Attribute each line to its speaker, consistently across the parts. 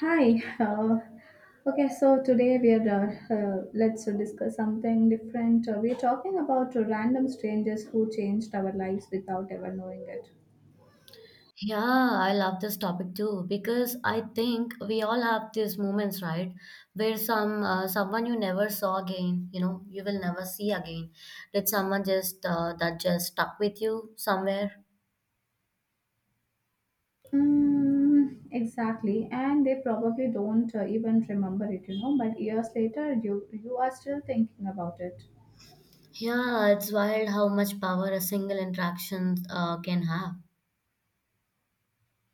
Speaker 1: Hi. Okay, so today we are let's discuss something different. We're talking about random strangers who changed our lives without ever knowing it.
Speaker 2: Yeah, I love this topic too because I think we all have these moments, right, where someone you never saw again, you know, you will never see again. Did someone just that just stuck with you somewhere?
Speaker 1: Mm, exactly, and they probably don't even remember it, you know. But years later, you are still thinking about it.
Speaker 2: Yeah, it's wild how much power a single interaction can have.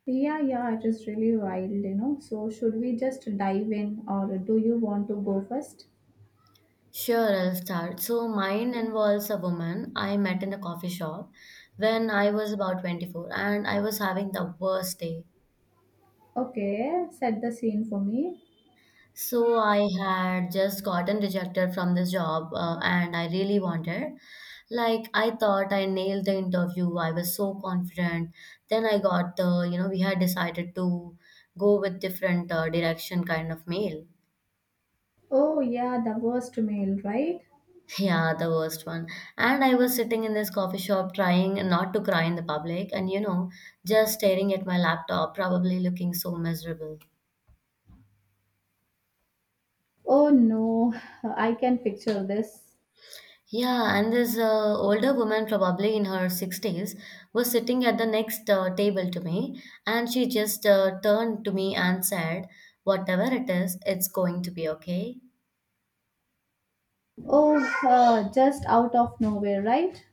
Speaker 1: Yeah, yeah, it is really wild, you know. So should we just dive in, or do you want to go first?
Speaker 2: Sure, I'll start. So mine involves a woman I met in a coffee shop when I was about 24 and I was having the worst day.
Speaker 1: Okay, set the scene for me.
Speaker 2: So I had just gotten rejected from this job and I really wanted. Like I thought I nailed the interview. I was so confident. Then I got the, you know, we had decided to go with different direction kind of mail.
Speaker 1: Oh yeah, the worst meal, right?
Speaker 2: Yeah, the worst one. And I was sitting in this coffee shop trying not to cry in the public and you know, just staring at my laptop, probably looking so miserable.
Speaker 1: Oh no, I can picture this.
Speaker 2: Yeah, and this older woman, probably in her 60s, was sitting at the next table to me, and she just turned to me and said, Whatever it is, it's going to be okay.
Speaker 1: Oh, just out of nowhere, right?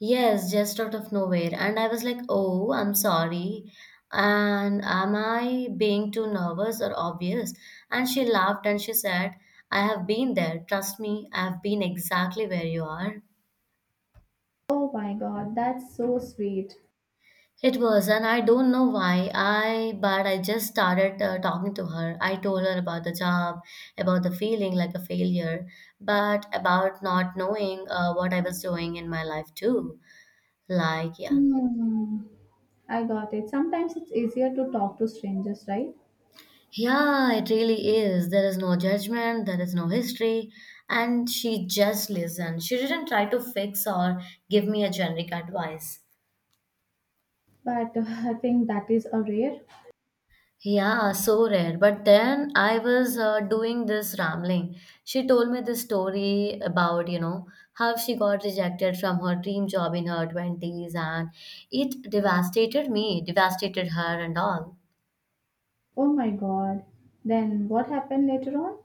Speaker 2: Yes, just out of nowhere. And I was like, oh, I'm sorry. And am I being too nervous or obvious? And she laughed and she said, I have been there. Trust me, I have been exactly where you are.
Speaker 1: Oh my god, that's so sweet.
Speaker 2: It was, and I don't know why I, but I just started talking to her. I told her about the job, about the feeling like a failure, but about not knowing what I was doing in my life too. Like, yeah.
Speaker 1: Hmm, I got it. Sometimes it's easier to talk to strangers, right?
Speaker 2: Yeah, it really is. There is no judgment, there is no history, and she just listened. She didn't try to fix or give me a generic advice.
Speaker 1: But I think that is a rare.
Speaker 2: Yeah, so rare. But then I was doing this rambling. She told me this story about, you know, how she got rejected from her dream job in her 20s, and it devastated me, devastated her and all.
Speaker 1: Oh my god. Then what happened later on?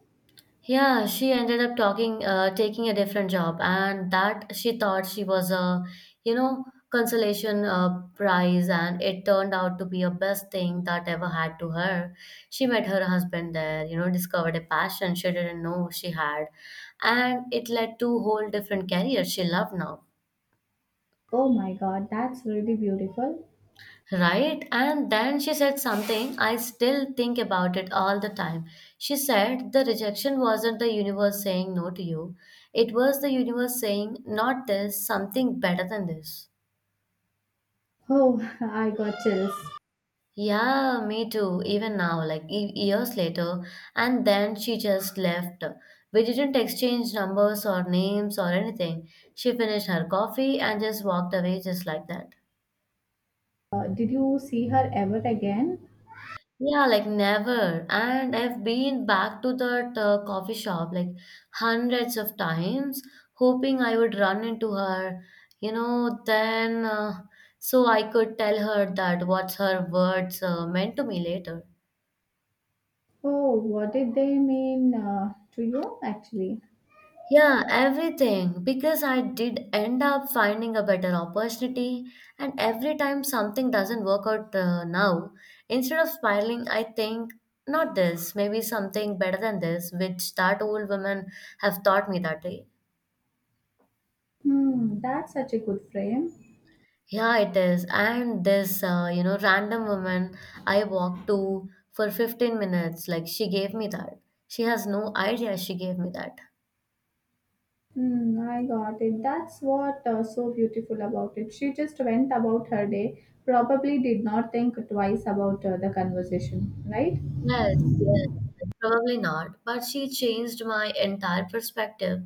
Speaker 2: Yeah, she ended up taking a different job, and that she thought she was a, you know, consolation prize, and it turned out to be a best thing that ever had to her. She met her husband there, you know, discovered a passion she didn't know she had, and it led to whole different career she loved now.
Speaker 1: Oh my god, that's really beautiful.
Speaker 2: Right? And then she said something I still think about it all the time. She said the rejection wasn't the universe saying no to you, it was the universe saying, not this, something better than this.
Speaker 1: Oh, I got chills.
Speaker 2: Yeah, me too, even now, like years later. And then she just left. We didn't exchange numbers or names or anything. She finished her coffee and just walked away just like that.
Speaker 1: Did you see her ever again?
Speaker 2: Yeah, like never. And I've been back to that coffee shop like hundreds of times, hoping I would run into her, you know, then so I could tell her that what's her words meant to me later.
Speaker 1: Oh, what did they mean to you actually?
Speaker 2: Yeah, everything. Because I did end up finding a better opportunity, and every time something doesn't work out now, instead of spiraling, I think, not this, maybe something better than this, which that old woman have taught me that day.
Speaker 1: Hmm, that's such a good frame.
Speaker 2: Yeah, it is. And this, you know, random woman I walked to for 15 minutes, like she gave me that. She has no idea she gave me that.
Speaker 1: Hmm, I got it. That's what so beautiful about it. She just went about her day, probably did not think twice about the conversation, right?
Speaker 2: Yes, yes, probably not. But she changed my entire perspective.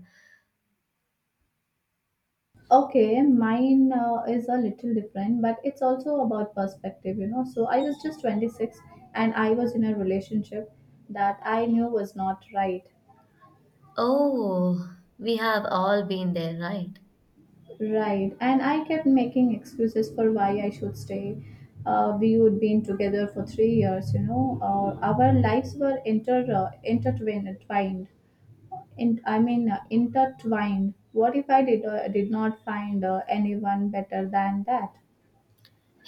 Speaker 1: Okay, mine is a little different, but it's also about perspective, you know. So I was just 26 and I was in a relationship that I knew was not right.
Speaker 2: Oh, we have all been there, right?
Speaker 1: Right. And I kept making excuses for why I should stay. We would been together for 3 years, you know. Our lives were intertwined. Intertwined. What if I did not find anyone better than that?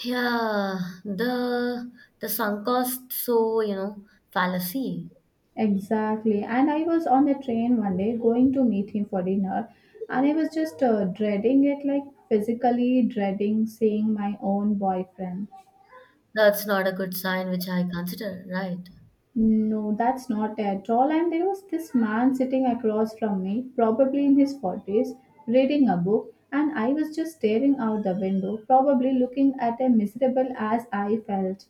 Speaker 2: Yeah, the the sunk cost, so you know, fallacy.
Speaker 1: Exactly. And I was on the train one day going to meet him for dinner, and I was just dreading it, like physically dreading seeing my own boyfriend.
Speaker 2: That's not a good sign, which I consider, right?
Speaker 1: No, that's not at all. And there was this man sitting across from me, probably in his 40s, reading a book, and I was just staring out the window, probably looking at him miserable as I felt.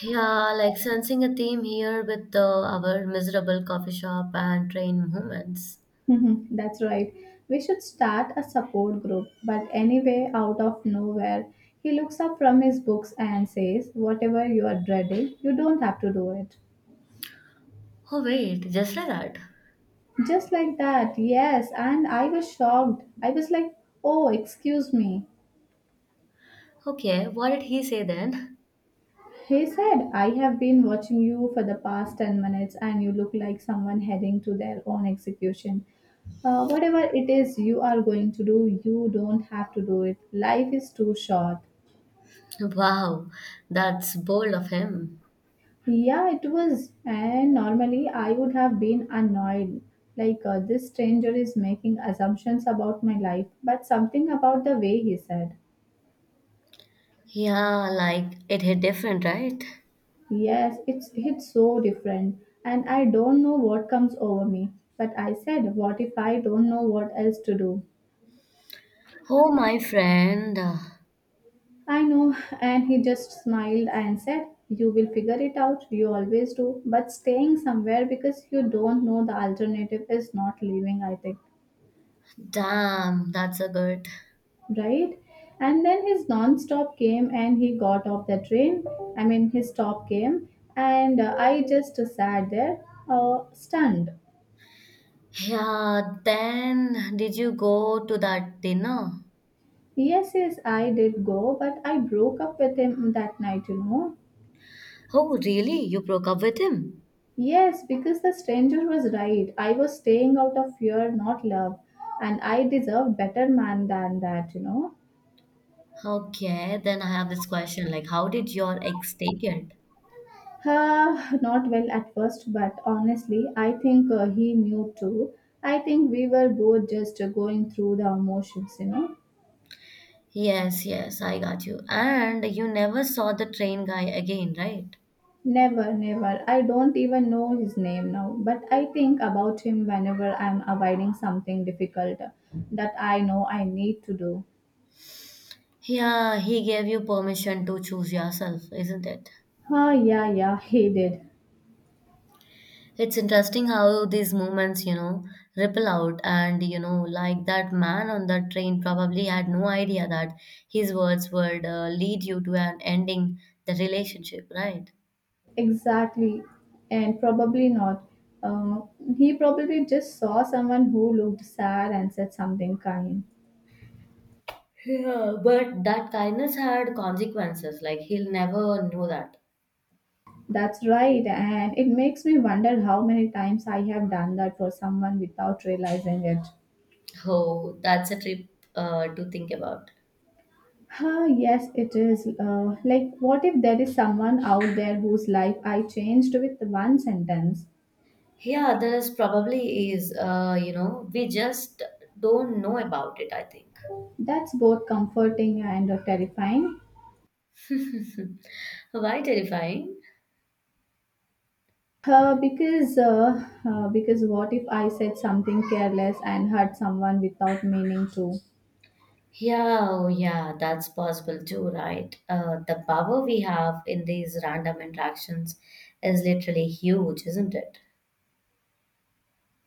Speaker 2: Yeah, like sensing a theme here with the, our miserable coffee shop and train movements.
Speaker 1: That's right. We should start a support group. But anyway, out of nowhere, he looks up from his books and says, "Whatever you are dreading, you don't have to do it."
Speaker 2: Oh wait, just like that.
Speaker 1: Just like that, yes. And I was shocked. I was like, "Oh, excuse me."
Speaker 2: Okay, what did he say then?
Speaker 1: He said, "I have been watching you for the past 10 minutes and you look like someone heading to their own execution. Whatever it is you are going to do, you don't have to do it. Life is too short."
Speaker 2: Wow, that's bold of him.
Speaker 1: Yeah, it was. And normally I would have been annoyed. Like, this stranger is making assumptions about my life, but something about the way he said,
Speaker 2: Yeah, like it hit different, right?
Speaker 1: Yes, it's so different. And I don't know what comes over me. But I said, what if I don't know what else to do?
Speaker 2: Oh, my friend.
Speaker 1: I know, and he just smiled and said, "You will figure it out, you always do. But staying somewhere because you don't know the alternative is not leaving, I think."
Speaker 2: Damn, that's a good.
Speaker 1: Right? And then his non stop came and he got off the train. I mean, his stop came, and I just sat there, stunned.
Speaker 2: Yeah, then did you go to that dinner?
Speaker 1: Yes, yes, I did go, but I broke up with him that night, you know.
Speaker 2: Oh, really? You broke up with him?
Speaker 1: Yes, because the stranger was right. I was staying out of fear, not love. And I deserved better man than that, you know.
Speaker 2: Okay, then I have this question like, how did your ex take it?
Speaker 1: Not well at first, but honestly, I think he knew too. I think we were both just going through the emotions, you know.
Speaker 2: Yes, yes, I got you. And you never saw the train guy again, right?
Speaker 1: Never, never. I don't even know his name now, but I think about him whenever I'm avoiding something difficult that I know I need to do.
Speaker 2: Yeah, he gave you permission to choose yourself, isn't it?
Speaker 1: Ah, yeah, yeah, he did.
Speaker 2: It's interesting how these movements, you know, ripple out. And, you know, like that man on the train probably had no idea that his words would lead you to an ending the relationship, right?
Speaker 1: Exactly. And probably not. Um, he probably just saw someone who looked sad and said something kind.
Speaker 2: Yeah, but that kindness had consequences. Like he'll never know that.
Speaker 1: That's right. And it makes me wonder how many times I have done that for someone without realizing it.
Speaker 2: Oh, that's a trip to think about.
Speaker 1: Huh, yes, it is. Like, what if there is someone out there whose life I changed with one sentence?
Speaker 2: Yeah, there is probably is. You know, we just don't know about it. I think.
Speaker 1: That's both comforting and terrifying.
Speaker 2: Why terrifying?
Speaker 1: Because what if I said something careless and hurt someone without meaning to?
Speaker 2: Yeah, oh yeah, that's possible too, right? The power we have in these random interactions is literally huge, isn't it?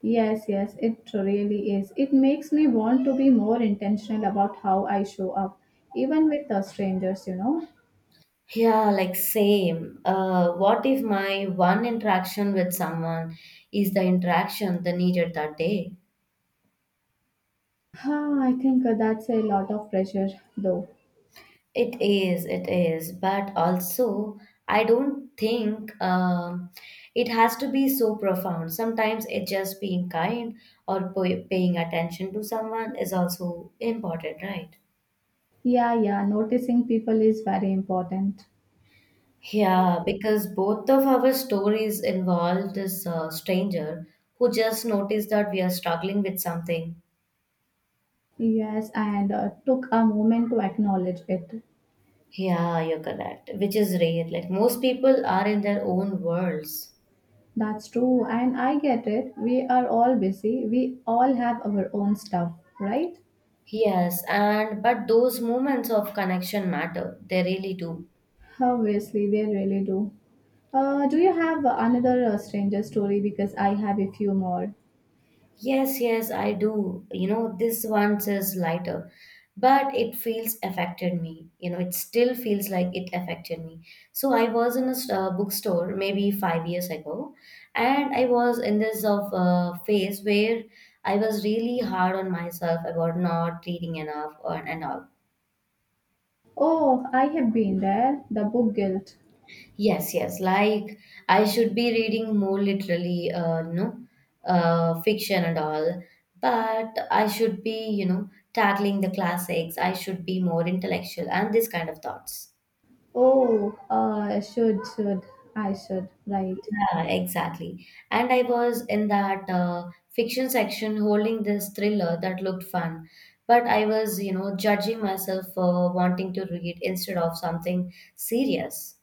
Speaker 1: Yes, yes, it really is. It makes me want to be more intentional about how I show up, even with the strangers, you know.
Speaker 2: Yeah, like same. What if my one interaction with someone is the interaction they needed that day?
Speaker 1: Huh, I think that's a lot of pressure, though.
Speaker 2: It is, it is. But also, I don't think it has to be so profound. Sometimes it just being kind or paying attention to someone is also important, right?
Speaker 1: Yeah, yeah, noticing people is very important.
Speaker 2: Yeah, because both of our stories involve this stranger who just noticed that we are struggling with something.
Speaker 1: Yes, and took a moment to acknowledge it.
Speaker 2: Yeah, you're correct, which is rare. Like most people are in their own worlds.
Speaker 1: That's true, and I get it. We are all busy, we all have our own stuff, right?
Speaker 2: Yes, and but those moments of connection matter. They really do.
Speaker 1: Obviously, they really do. Do you have another stranger story? Because I have a few more.
Speaker 2: Yes, yes, I do. You know, this one says lighter, but it feels affected me. You know, it still feels like it affected me. So I was in a bookstore maybe 5 years ago, and I was in this of phase where I was really hard on myself about not reading enough or, and all.
Speaker 1: Oh, I have been there. The book guilt.
Speaker 2: Yes, yes. Like I should be reading more literally, you know, fiction and all. But I should be, you know, tackling the classics. I should be more intellectual and this kind of thoughts.
Speaker 1: Oh, uh, should, should, I should, right.
Speaker 2: Yeah, exactly. And I was in that fiction section holding this thriller that looked fun. But I was, you know, judging myself for wanting to read instead of something serious.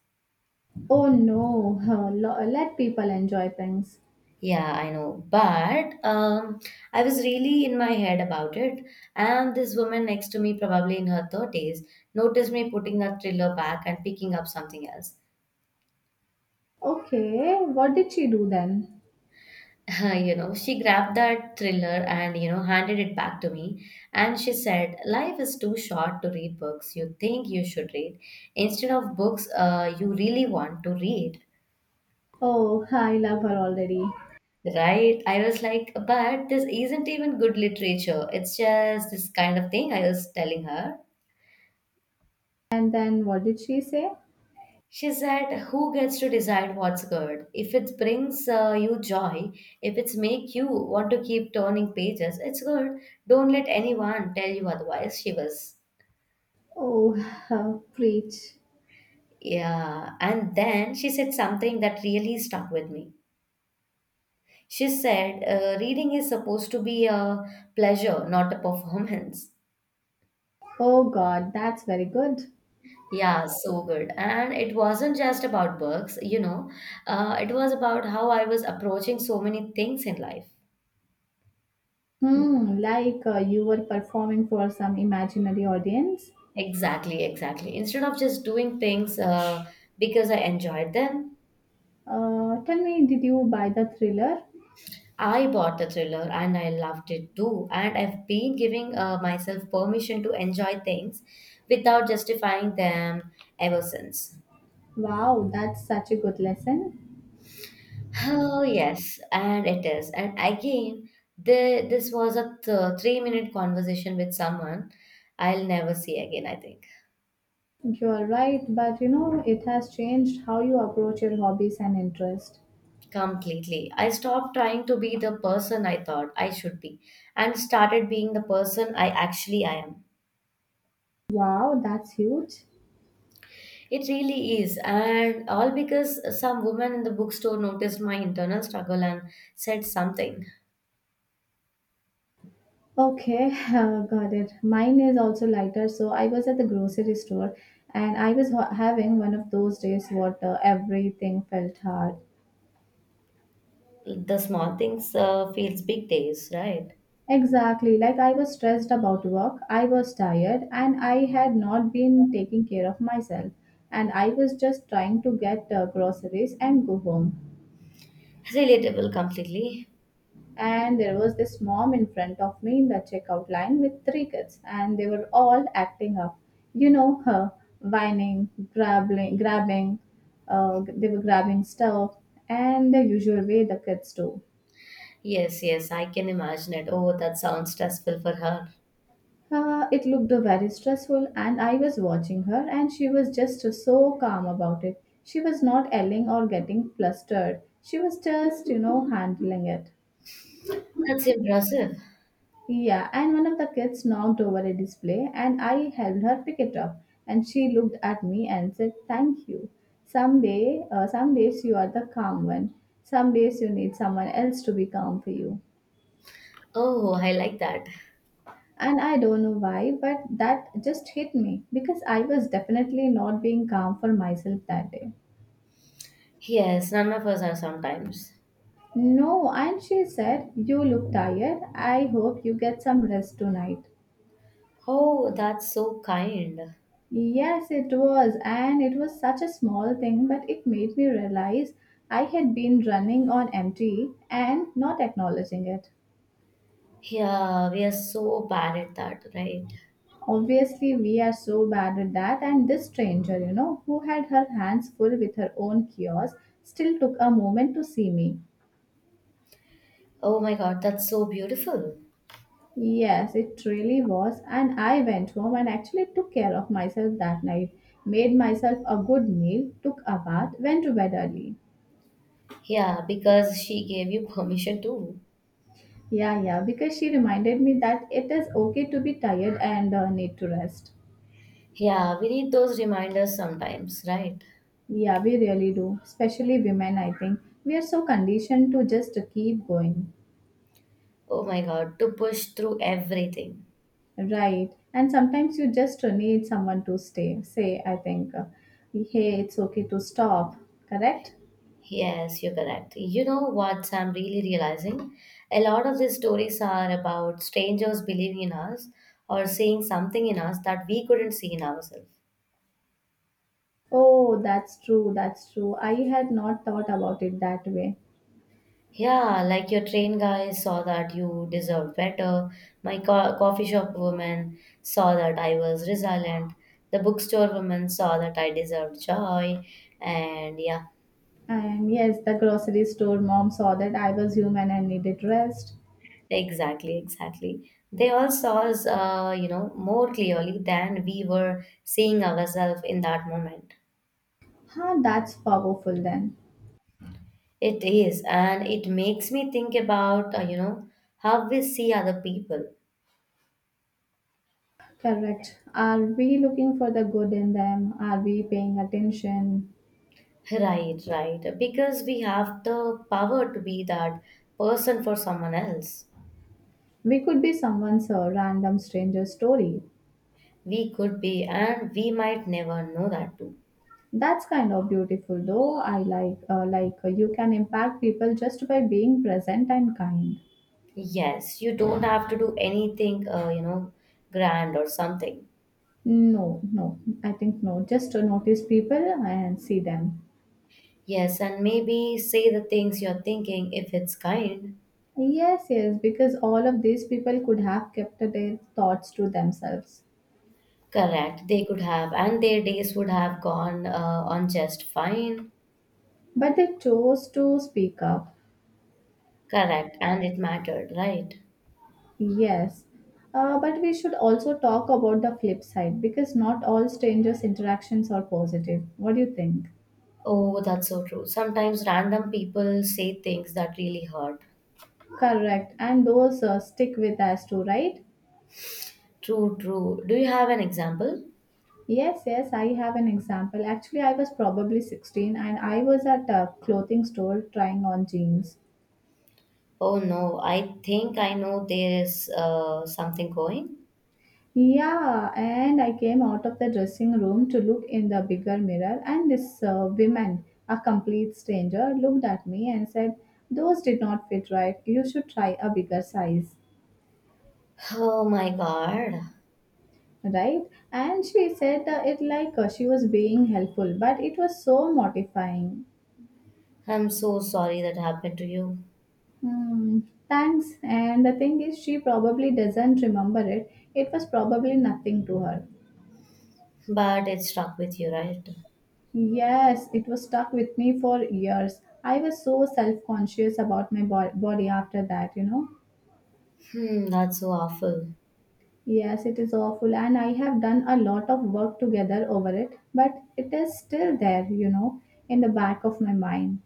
Speaker 1: Oh no, let people enjoy things.
Speaker 2: Yeah, I know. But I was really in my head about it. And this woman next to me, probably in her 30s, noticed me putting that thriller back and picking up something else.
Speaker 1: Okay, what did she do then?
Speaker 2: You know, she grabbed that thriller and, you know, handed it back to me. And she said, Life is too short to read books you think you should read instead of books you really want to read.
Speaker 1: Oh, I love her already.
Speaker 2: Right? I was like, but this isn't even good literature. It's just this kind of thing I was telling her.
Speaker 1: And then what did she say?
Speaker 2: She said, Who gets to decide what's good? If it brings you joy, if it's make you want to keep turning pages, it's good. Don't let anyone tell you otherwise. She was,
Speaker 1: Oh, preach.
Speaker 2: yeah. And then she said something that really stuck with me. She said, Reading is supposed to be a pleasure, not a performance.
Speaker 1: Oh god, that's very good.
Speaker 2: Yeah, so good. And it wasn't just about books, you know, it was about how I was approaching so many things in life.
Speaker 1: Hmm, like you were performing for some imaginary audience.
Speaker 2: Exactly, exactly. Instead of just doing things because I enjoyed them,
Speaker 1: Tell me, did you buy the thriller?
Speaker 2: I bought the thriller and I loved it too. And I've been giving myself permission to enjoy things without justifying them ever since.
Speaker 1: Wow, that's such a good lesson.
Speaker 2: Oh, yes, and it is. And again, the, this was a 3 minute conversation with someone I'll never see again, I think.
Speaker 1: You're right, but you know, it has changed how you approach your hobbies and interest.
Speaker 2: Completely. I stopped trying to be the person I thought I should be and started being the person I actually am.
Speaker 1: Wow, that's huge.
Speaker 2: It really is. And all because some woman in the bookstore noticed my internal struggle and said something.
Speaker 1: Okay, got it. Mine is also lighter. So I was at the grocery store and I was having one of those days what everything felt hard.
Speaker 2: The small things feels big days, right?
Speaker 1: Exactly. Like I was stressed about work, I was tired, and I had not been taking care of myself. And I was just trying to get groceries and go home.
Speaker 2: Relatable completely.
Speaker 1: And there was this mom in front of me in the checkout line with three kids and they were all acting up, you know, her whining, grabbing stuff, and the usual way the kids do.
Speaker 2: Yes, yes, I can imagine it. Oh, that sounds stressful for her.
Speaker 1: It looked very stressful, and I was watching her, and she was just so calm about it. She was not yelling or getting flustered. She was just, you know, handling it.
Speaker 2: That's impressive.
Speaker 1: Yeah, and one of the kids knocked over a display, and I helped her pick it up. And she looked at me and said, "Thank you. Some days you are the calm one. Some days you need someone else to be calm for you."
Speaker 2: Oh, I like that.
Speaker 1: And I don't know why, but that just hit me because I was definitely not being calm for myself that day.
Speaker 2: Yes, none of us are sometimes.
Speaker 1: No, and she said, "You look tired. I hope you get some rest tonight."
Speaker 2: Oh, that's so kind.
Speaker 1: Yes, it was, and it was such a small thing, but it made me realize I had been running on empty and not acknowledging it.
Speaker 2: Yeah, we are so bad at that, right?
Speaker 1: Obviously, we are so bad at that, and this stranger, you know, who had her hands full with her own kiosk, still took a moment to see me.
Speaker 2: Oh my god, that's so beautiful.
Speaker 1: Yes, it really was, and I went home and actually took care of myself that night, made myself a good meal, took a bath, went to bed early.
Speaker 2: Yeah, because she gave you permission too.
Speaker 1: Yeah, yeah, because she reminded me that it is okay to be tired and need to rest.
Speaker 2: Yeah, we need those reminders sometimes, right?
Speaker 1: Yeah, we really do, especially women, I think. We are so conditioned to just keep going.
Speaker 2: Oh my god, to push through everything.
Speaker 1: Right. And sometimes you just need someone to say, I think, hey, it's okay to stop. Correct?
Speaker 2: Yes, you're correct. You know what I'm really realizing? A lot of these stories are about strangers believing in us or seeing something in us that we couldn't see in ourselves.
Speaker 1: Oh, that's true. That's true. I had not thought about it that way.
Speaker 2: Yeah, like your train guy saw that you deserved better. My coffee shop woman saw that I was resilient. The bookstore woman saw that I deserved joy. And yeah,
Speaker 1: And yes, the grocery store mom saw that I was human and needed rest.
Speaker 2: exactly, exactly. They all saw us, you know, more clearly than we were seeing ourselves in that moment.
Speaker 1: Huh, that's powerful then.
Speaker 2: It is, and it makes me think about, you know, how we see other people.
Speaker 1: Correct. Are we looking for the good in them? Are we paying attention?
Speaker 2: Right, right. Because we have the power to be that person for someone else.
Speaker 1: We could be someone's random stranger story.
Speaker 2: We could be, and we might never know that too.
Speaker 1: That's kind of beautiful, though. I like you can impact people just by being present and kind.
Speaker 2: Yes, you don't have to do anything, you know, grand or something.
Speaker 1: No, no, I think no. Just notice people and see them.
Speaker 2: Yes, and maybe say the things you're thinking if it's kind.
Speaker 1: Yes, yes, because all of these people could have kept their thoughts to themselves,
Speaker 2: Correct, they could have, and their days would have gone on just fine.
Speaker 1: but they chose to speak up.
Speaker 2: Correct, and it mattered, right?
Speaker 1: Yes. But we should also talk about the flip side because not all strangers' interactions are positive. What do you think?
Speaker 2: Oh, that's so true. Sometimes random people say things that really hurt.
Speaker 1: Correct. And those stick with us too, right?
Speaker 2: True, true. Do you have an example?
Speaker 1: Yes, yes, I have an example. Actually, I was probably 16 and I was at a clothing store trying on jeans.
Speaker 2: Oh no, I think I know there is something going.
Speaker 1: Yeah, and I came out of the dressing room to look in the bigger mirror, and this woman, a complete stranger, looked at me and said, "Those did not fit right. You should try a bigger size."
Speaker 2: Oh my God.
Speaker 1: Right? And she said it like she was being helpful, but it was so mortifying.
Speaker 2: I'm so sorry that happened to you.
Speaker 1: Hmm, thanks. And the thing is, she probably doesn't remember it. It was probably nothing to her.
Speaker 2: But it stuck with you, right?
Speaker 1: Yes, it was stuck with me for years. I was so self conscious about my body after that, you know.
Speaker 2: Hmm, that's so awful.
Speaker 1: Yes, it is awful, and I have done a lot of work together over it, but it is still there, you know, in the back of my mind.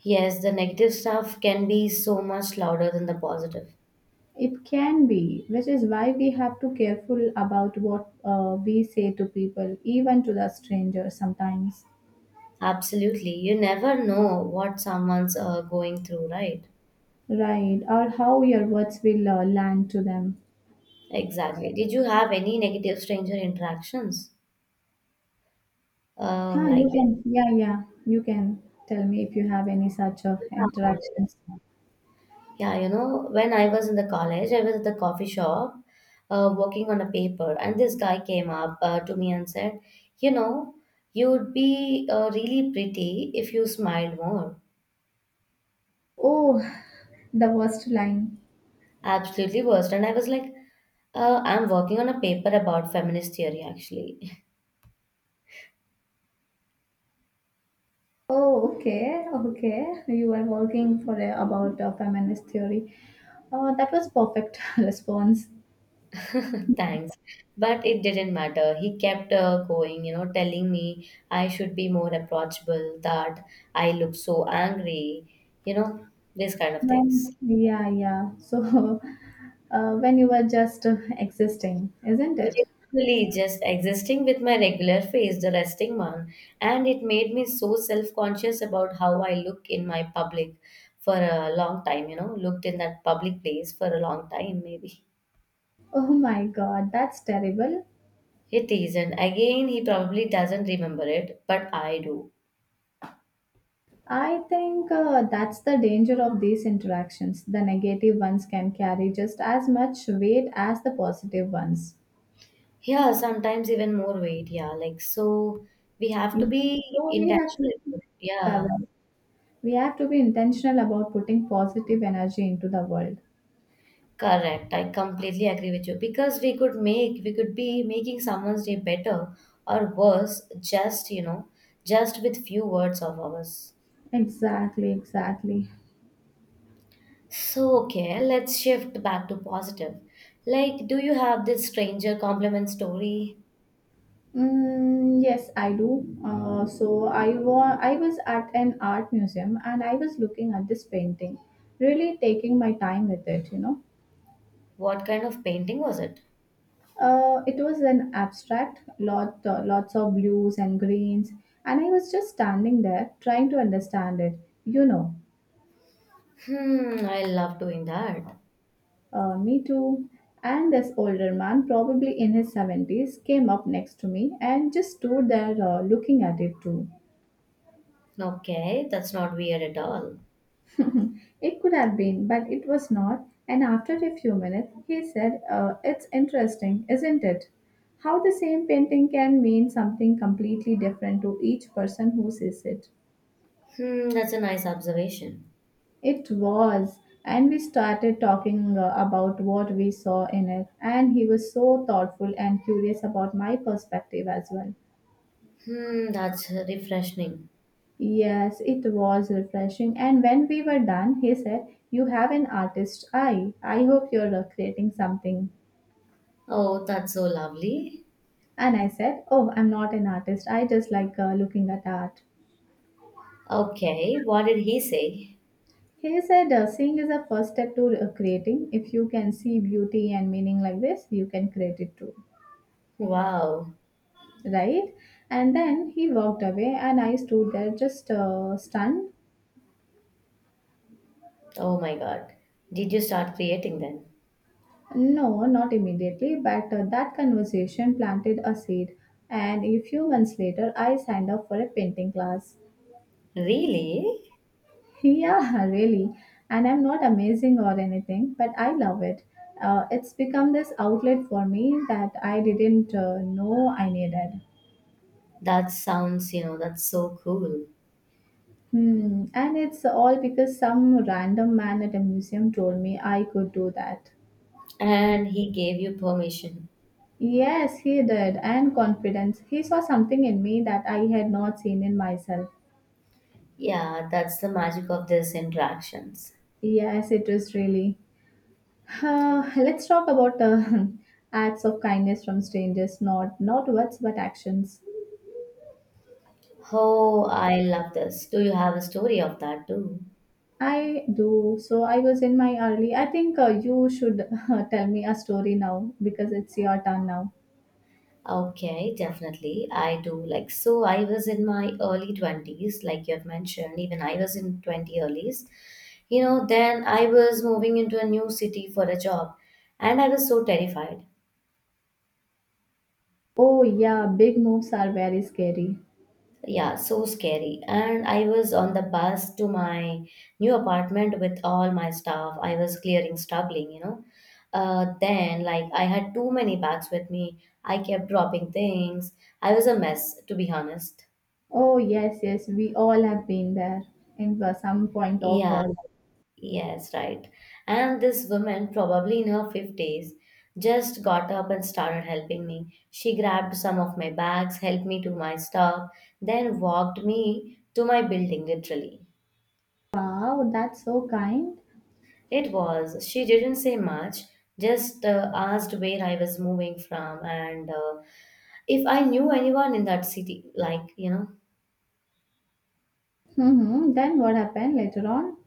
Speaker 2: Yes, the negative stuff can be so much louder than the positive.
Speaker 1: It can be, which is why we have to careful about what we say to people, even to the strangers sometimes,
Speaker 2: Absolutely. You never know what someone's going through, right?
Speaker 1: right? Or how your words will land to them.
Speaker 2: Exactly. Did you have any negative stranger interactions? Um, like,
Speaker 1: You can, yeah, yeah, you can tell me if you have any such
Speaker 2: yeah.
Speaker 1: interactions.
Speaker 2: Yeah, you know, when I was in the college, I was at the coffee shop working on a paper, and this guy came up to me and said, you know, you would be really pretty if you smiled more.
Speaker 1: Oh, the worst line.
Speaker 2: Absolutely worst. And I was like, I'm working on a paper about feminist theory, actually.
Speaker 1: Oh, okay, okay. You were working for a, about feminist theory. Oh, that was perfect response.
Speaker 2: Thanks. But it didn't matter. He kept going, you know, telling me I should be more approachable, that I look so angry, you know, these kind of things.
Speaker 1: When, yeah, yeah. So, when you were just existing, isn't
Speaker 2: Which
Speaker 1: it?
Speaker 2: is really just existing with my regular face, the resting one. And it made me so self conscious about how I look in my public for a long time, you know, looked in that public place for a long time, maybe.
Speaker 1: Oh my God, that's terrible.
Speaker 2: It is, isn't. Again, he probably doesn't remember it, but I do.
Speaker 1: I think that's the danger of these interactions. The negative ones can carry just as much weight as the positive ones.
Speaker 2: Yeah, sometimes even more weight. Yeah, like so, we have to be
Speaker 1: So we have to.
Speaker 2: intentional. Yeah.
Speaker 1: Correct. We have to be intentional about putting positive energy into the world.
Speaker 2: Correct. I completely agree with you because we could be making someone's day better or worse just, you know, just with few words of ours.
Speaker 1: Exactly, exactly.
Speaker 2: So, okay, let's shift back to positive. Like, do you have this stranger compliment story?
Speaker 1: Mm, yes, I do. So I I was at an art museum and I was looking at this painting, really taking my time with it, you know.
Speaker 2: What kind of painting was it?
Speaker 1: It was an abstract, lot, lots of blues and greens, and I was just standing there trying to understand it. You know,
Speaker 2: Hmm, I love doing that.
Speaker 1: me too. And this older man, probably in his 70s, came up next to me and just stood there looking at it too.
Speaker 2: Okay, that's not weird at all.
Speaker 1: It could have been, but it was not. And after a few minutes, he said, it's interesting, isn't it? How the same painting can mean something completely different to each person who sees it.
Speaker 2: Hmm, that's a nice observation.
Speaker 1: It was, and we started talking about what we saw in it, and he was so thoughtful and curious about my perspective as well.
Speaker 2: Hmm, that's refreshing.
Speaker 1: Yes, it was refreshing. And when we were done, he said, you have an artist eye. I hope you're creating something.
Speaker 2: Oh, that's so lovely.
Speaker 1: And I said, oh, I'm not an artist. I just like looking at art.
Speaker 2: Okay, what did he say?
Speaker 1: He said, seeing is a first step to creating. If you can see beauty and meaning like this, you can create it too.
Speaker 2: Wow.
Speaker 1: Right? And then he walked away, and I stood there just stunned.
Speaker 2: Oh my God. Did you start creating then?
Speaker 1: No, not immediately, but that conversation planted a seed. And a few months later, I signed up for a painting class.
Speaker 2: Really?
Speaker 1: Yeah, really. And I'm not amazing or anything, but I love it. It's become this outlet for me that I didn't know I needed.
Speaker 2: That sounds, you know, that's so cool.
Speaker 1: Hmm. And it's all because some random man at a museum told me I could do that.
Speaker 2: And he gave you permission.
Speaker 1: Yes, he did, and confidence. He saw something in me that I had not seen in myself.
Speaker 2: Yeah, that's the magic of these interactions.
Speaker 1: Yes, it is really. Let's talk about acts of kindness from strangers, not words but actions.
Speaker 2: Oh, I love this. Do you have a story of that too?
Speaker 1: I do. So I was in my early. I think you should tell me a story now because it's your turn now.
Speaker 2: Okay, definitely. I do. Like, so I was in my early 20s, like you have mentioned, even I was in 20 earlies. You know, then I was moving into a new city for a job and I was so terrified.
Speaker 1: Oh yeah, big moves are very scary.
Speaker 2: Yeah, so scary. And I was on the bus to my new apartment with all my stuff. I was clearing, struggling, you know. Then, like, I had too many bags with me. I kept dropping things. I was a mess, to be honest.
Speaker 1: Oh yes, yes, we all have been there in some point of
Speaker 2: Yeah,
Speaker 1: life.
Speaker 2: yes, right. And this woman, probably in her 50s, just got up and started helping me. She grabbed some of my bags, helped me to my stuff, then walked me to my building, literally.
Speaker 1: Wow, that's so kind.
Speaker 2: It was, she didn't say much, just asked where I was moving from and if I knew anyone in that city, like, you know.
Speaker 1: Mhm. Then what happened later on?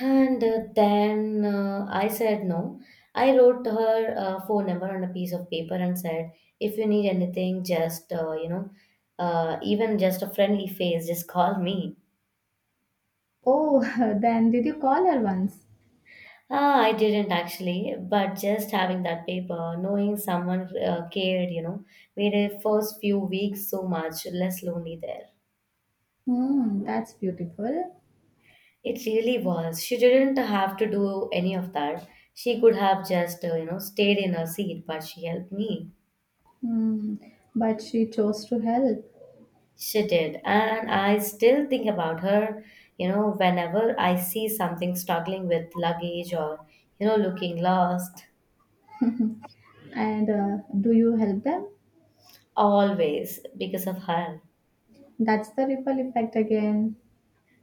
Speaker 2: And then I said no. I wrote her phone number on a piece of paper and said, if you need anything, just, even just a friendly face, just call me.
Speaker 1: Oh, then did you call her once?
Speaker 2: Ah, I didn't actually, but just having that paper, knowing someone cared, you know, made her first few weeks so much less lonely there.
Speaker 1: Hmm, that's beautiful.
Speaker 2: It really was. She didn't have to do any of that. She could have just, stayed in her seat, but she helped me.
Speaker 1: Hmm. But she chose to help.
Speaker 2: She did. And I still think about her, you know, whenever I see something struggling with luggage or, you know, looking lost,
Speaker 1: And do you help them?
Speaker 2: always because of her.
Speaker 1: That's the ripple effect again.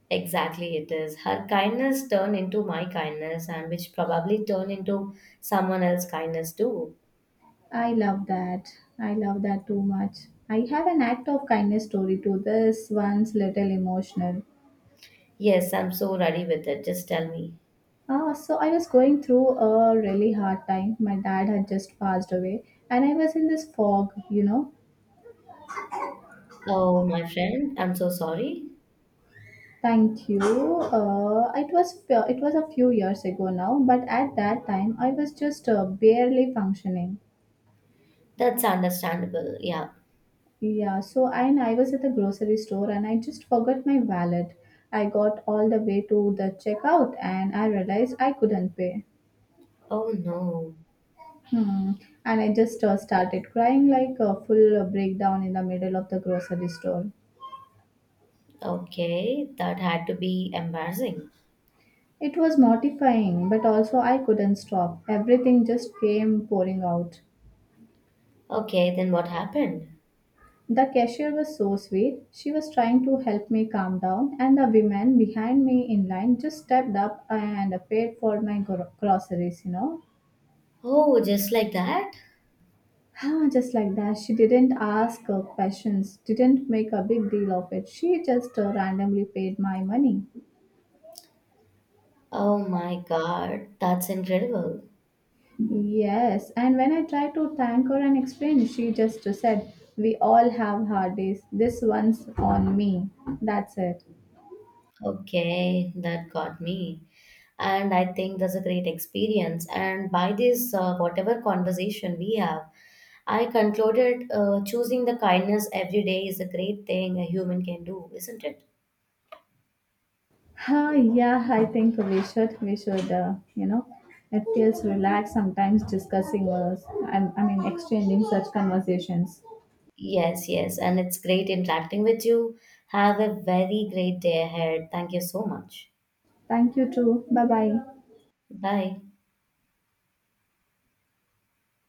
Speaker 2: Exactly, it is. Her kindness turned into my kindness, and which probably turned into someone else's kindness too.
Speaker 1: I love that. I love that too much. I have an act of kindness story to this one's little emotional.
Speaker 2: Yes, I'm so ready with it. Just tell me.
Speaker 1: Ah, so I was going through a really hard time. My dad had just passed away, and I was in this fog, you know.
Speaker 2: Oh, my friend, I'm so sorry.
Speaker 1: Thank you. It was it was a few years ago now, but at that time I was just barely functioning.
Speaker 2: That's understandable. Yeah.
Speaker 1: Yeah, so and I was at the grocery store and I just forgot my wallet. I got all the way to the checkout and I realized I couldn't pay.
Speaker 2: Oh, no.
Speaker 1: Hmm. And I just started crying like a full breakdown in the middle of the grocery store.
Speaker 2: Okay, that had to be embarrassing.
Speaker 1: It was mortifying, but also I couldn't stop. Everything just came pouring out.
Speaker 2: Okay, then what happened?
Speaker 1: The cashier was so sweet. She was trying to help me calm down, and the women behind me in line just stepped up and paid for my groceries, you know.
Speaker 2: Oh, just like that?
Speaker 1: Ah, just like that. She didn't ask questions, didn't make a big deal of it. She just randomly paid my money.
Speaker 2: Oh my God, that's incredible.
Speaker 1: Yes, and when I tried to thank her and explain, she just said, we all have hard days. This one's on me. That's it.
Speaker 2: Okay, that got me. And I think that's a great experience. And by this, whatever conversation we have, I concluded choosing the kindness every day is a great thing a human can do, isn't it?
Speaker 1: Huh, yeah, I think we should. We should. You know, it feels relaxed sometimes discussing us. I mean, exchanging such conversations.
Speaker 2: Yes, yes. And it's great interacting with you. Have a very great day ahead. Thank you so much.
Speaker 1: Thank you too. Bye bye.
Speaker 2: Bye.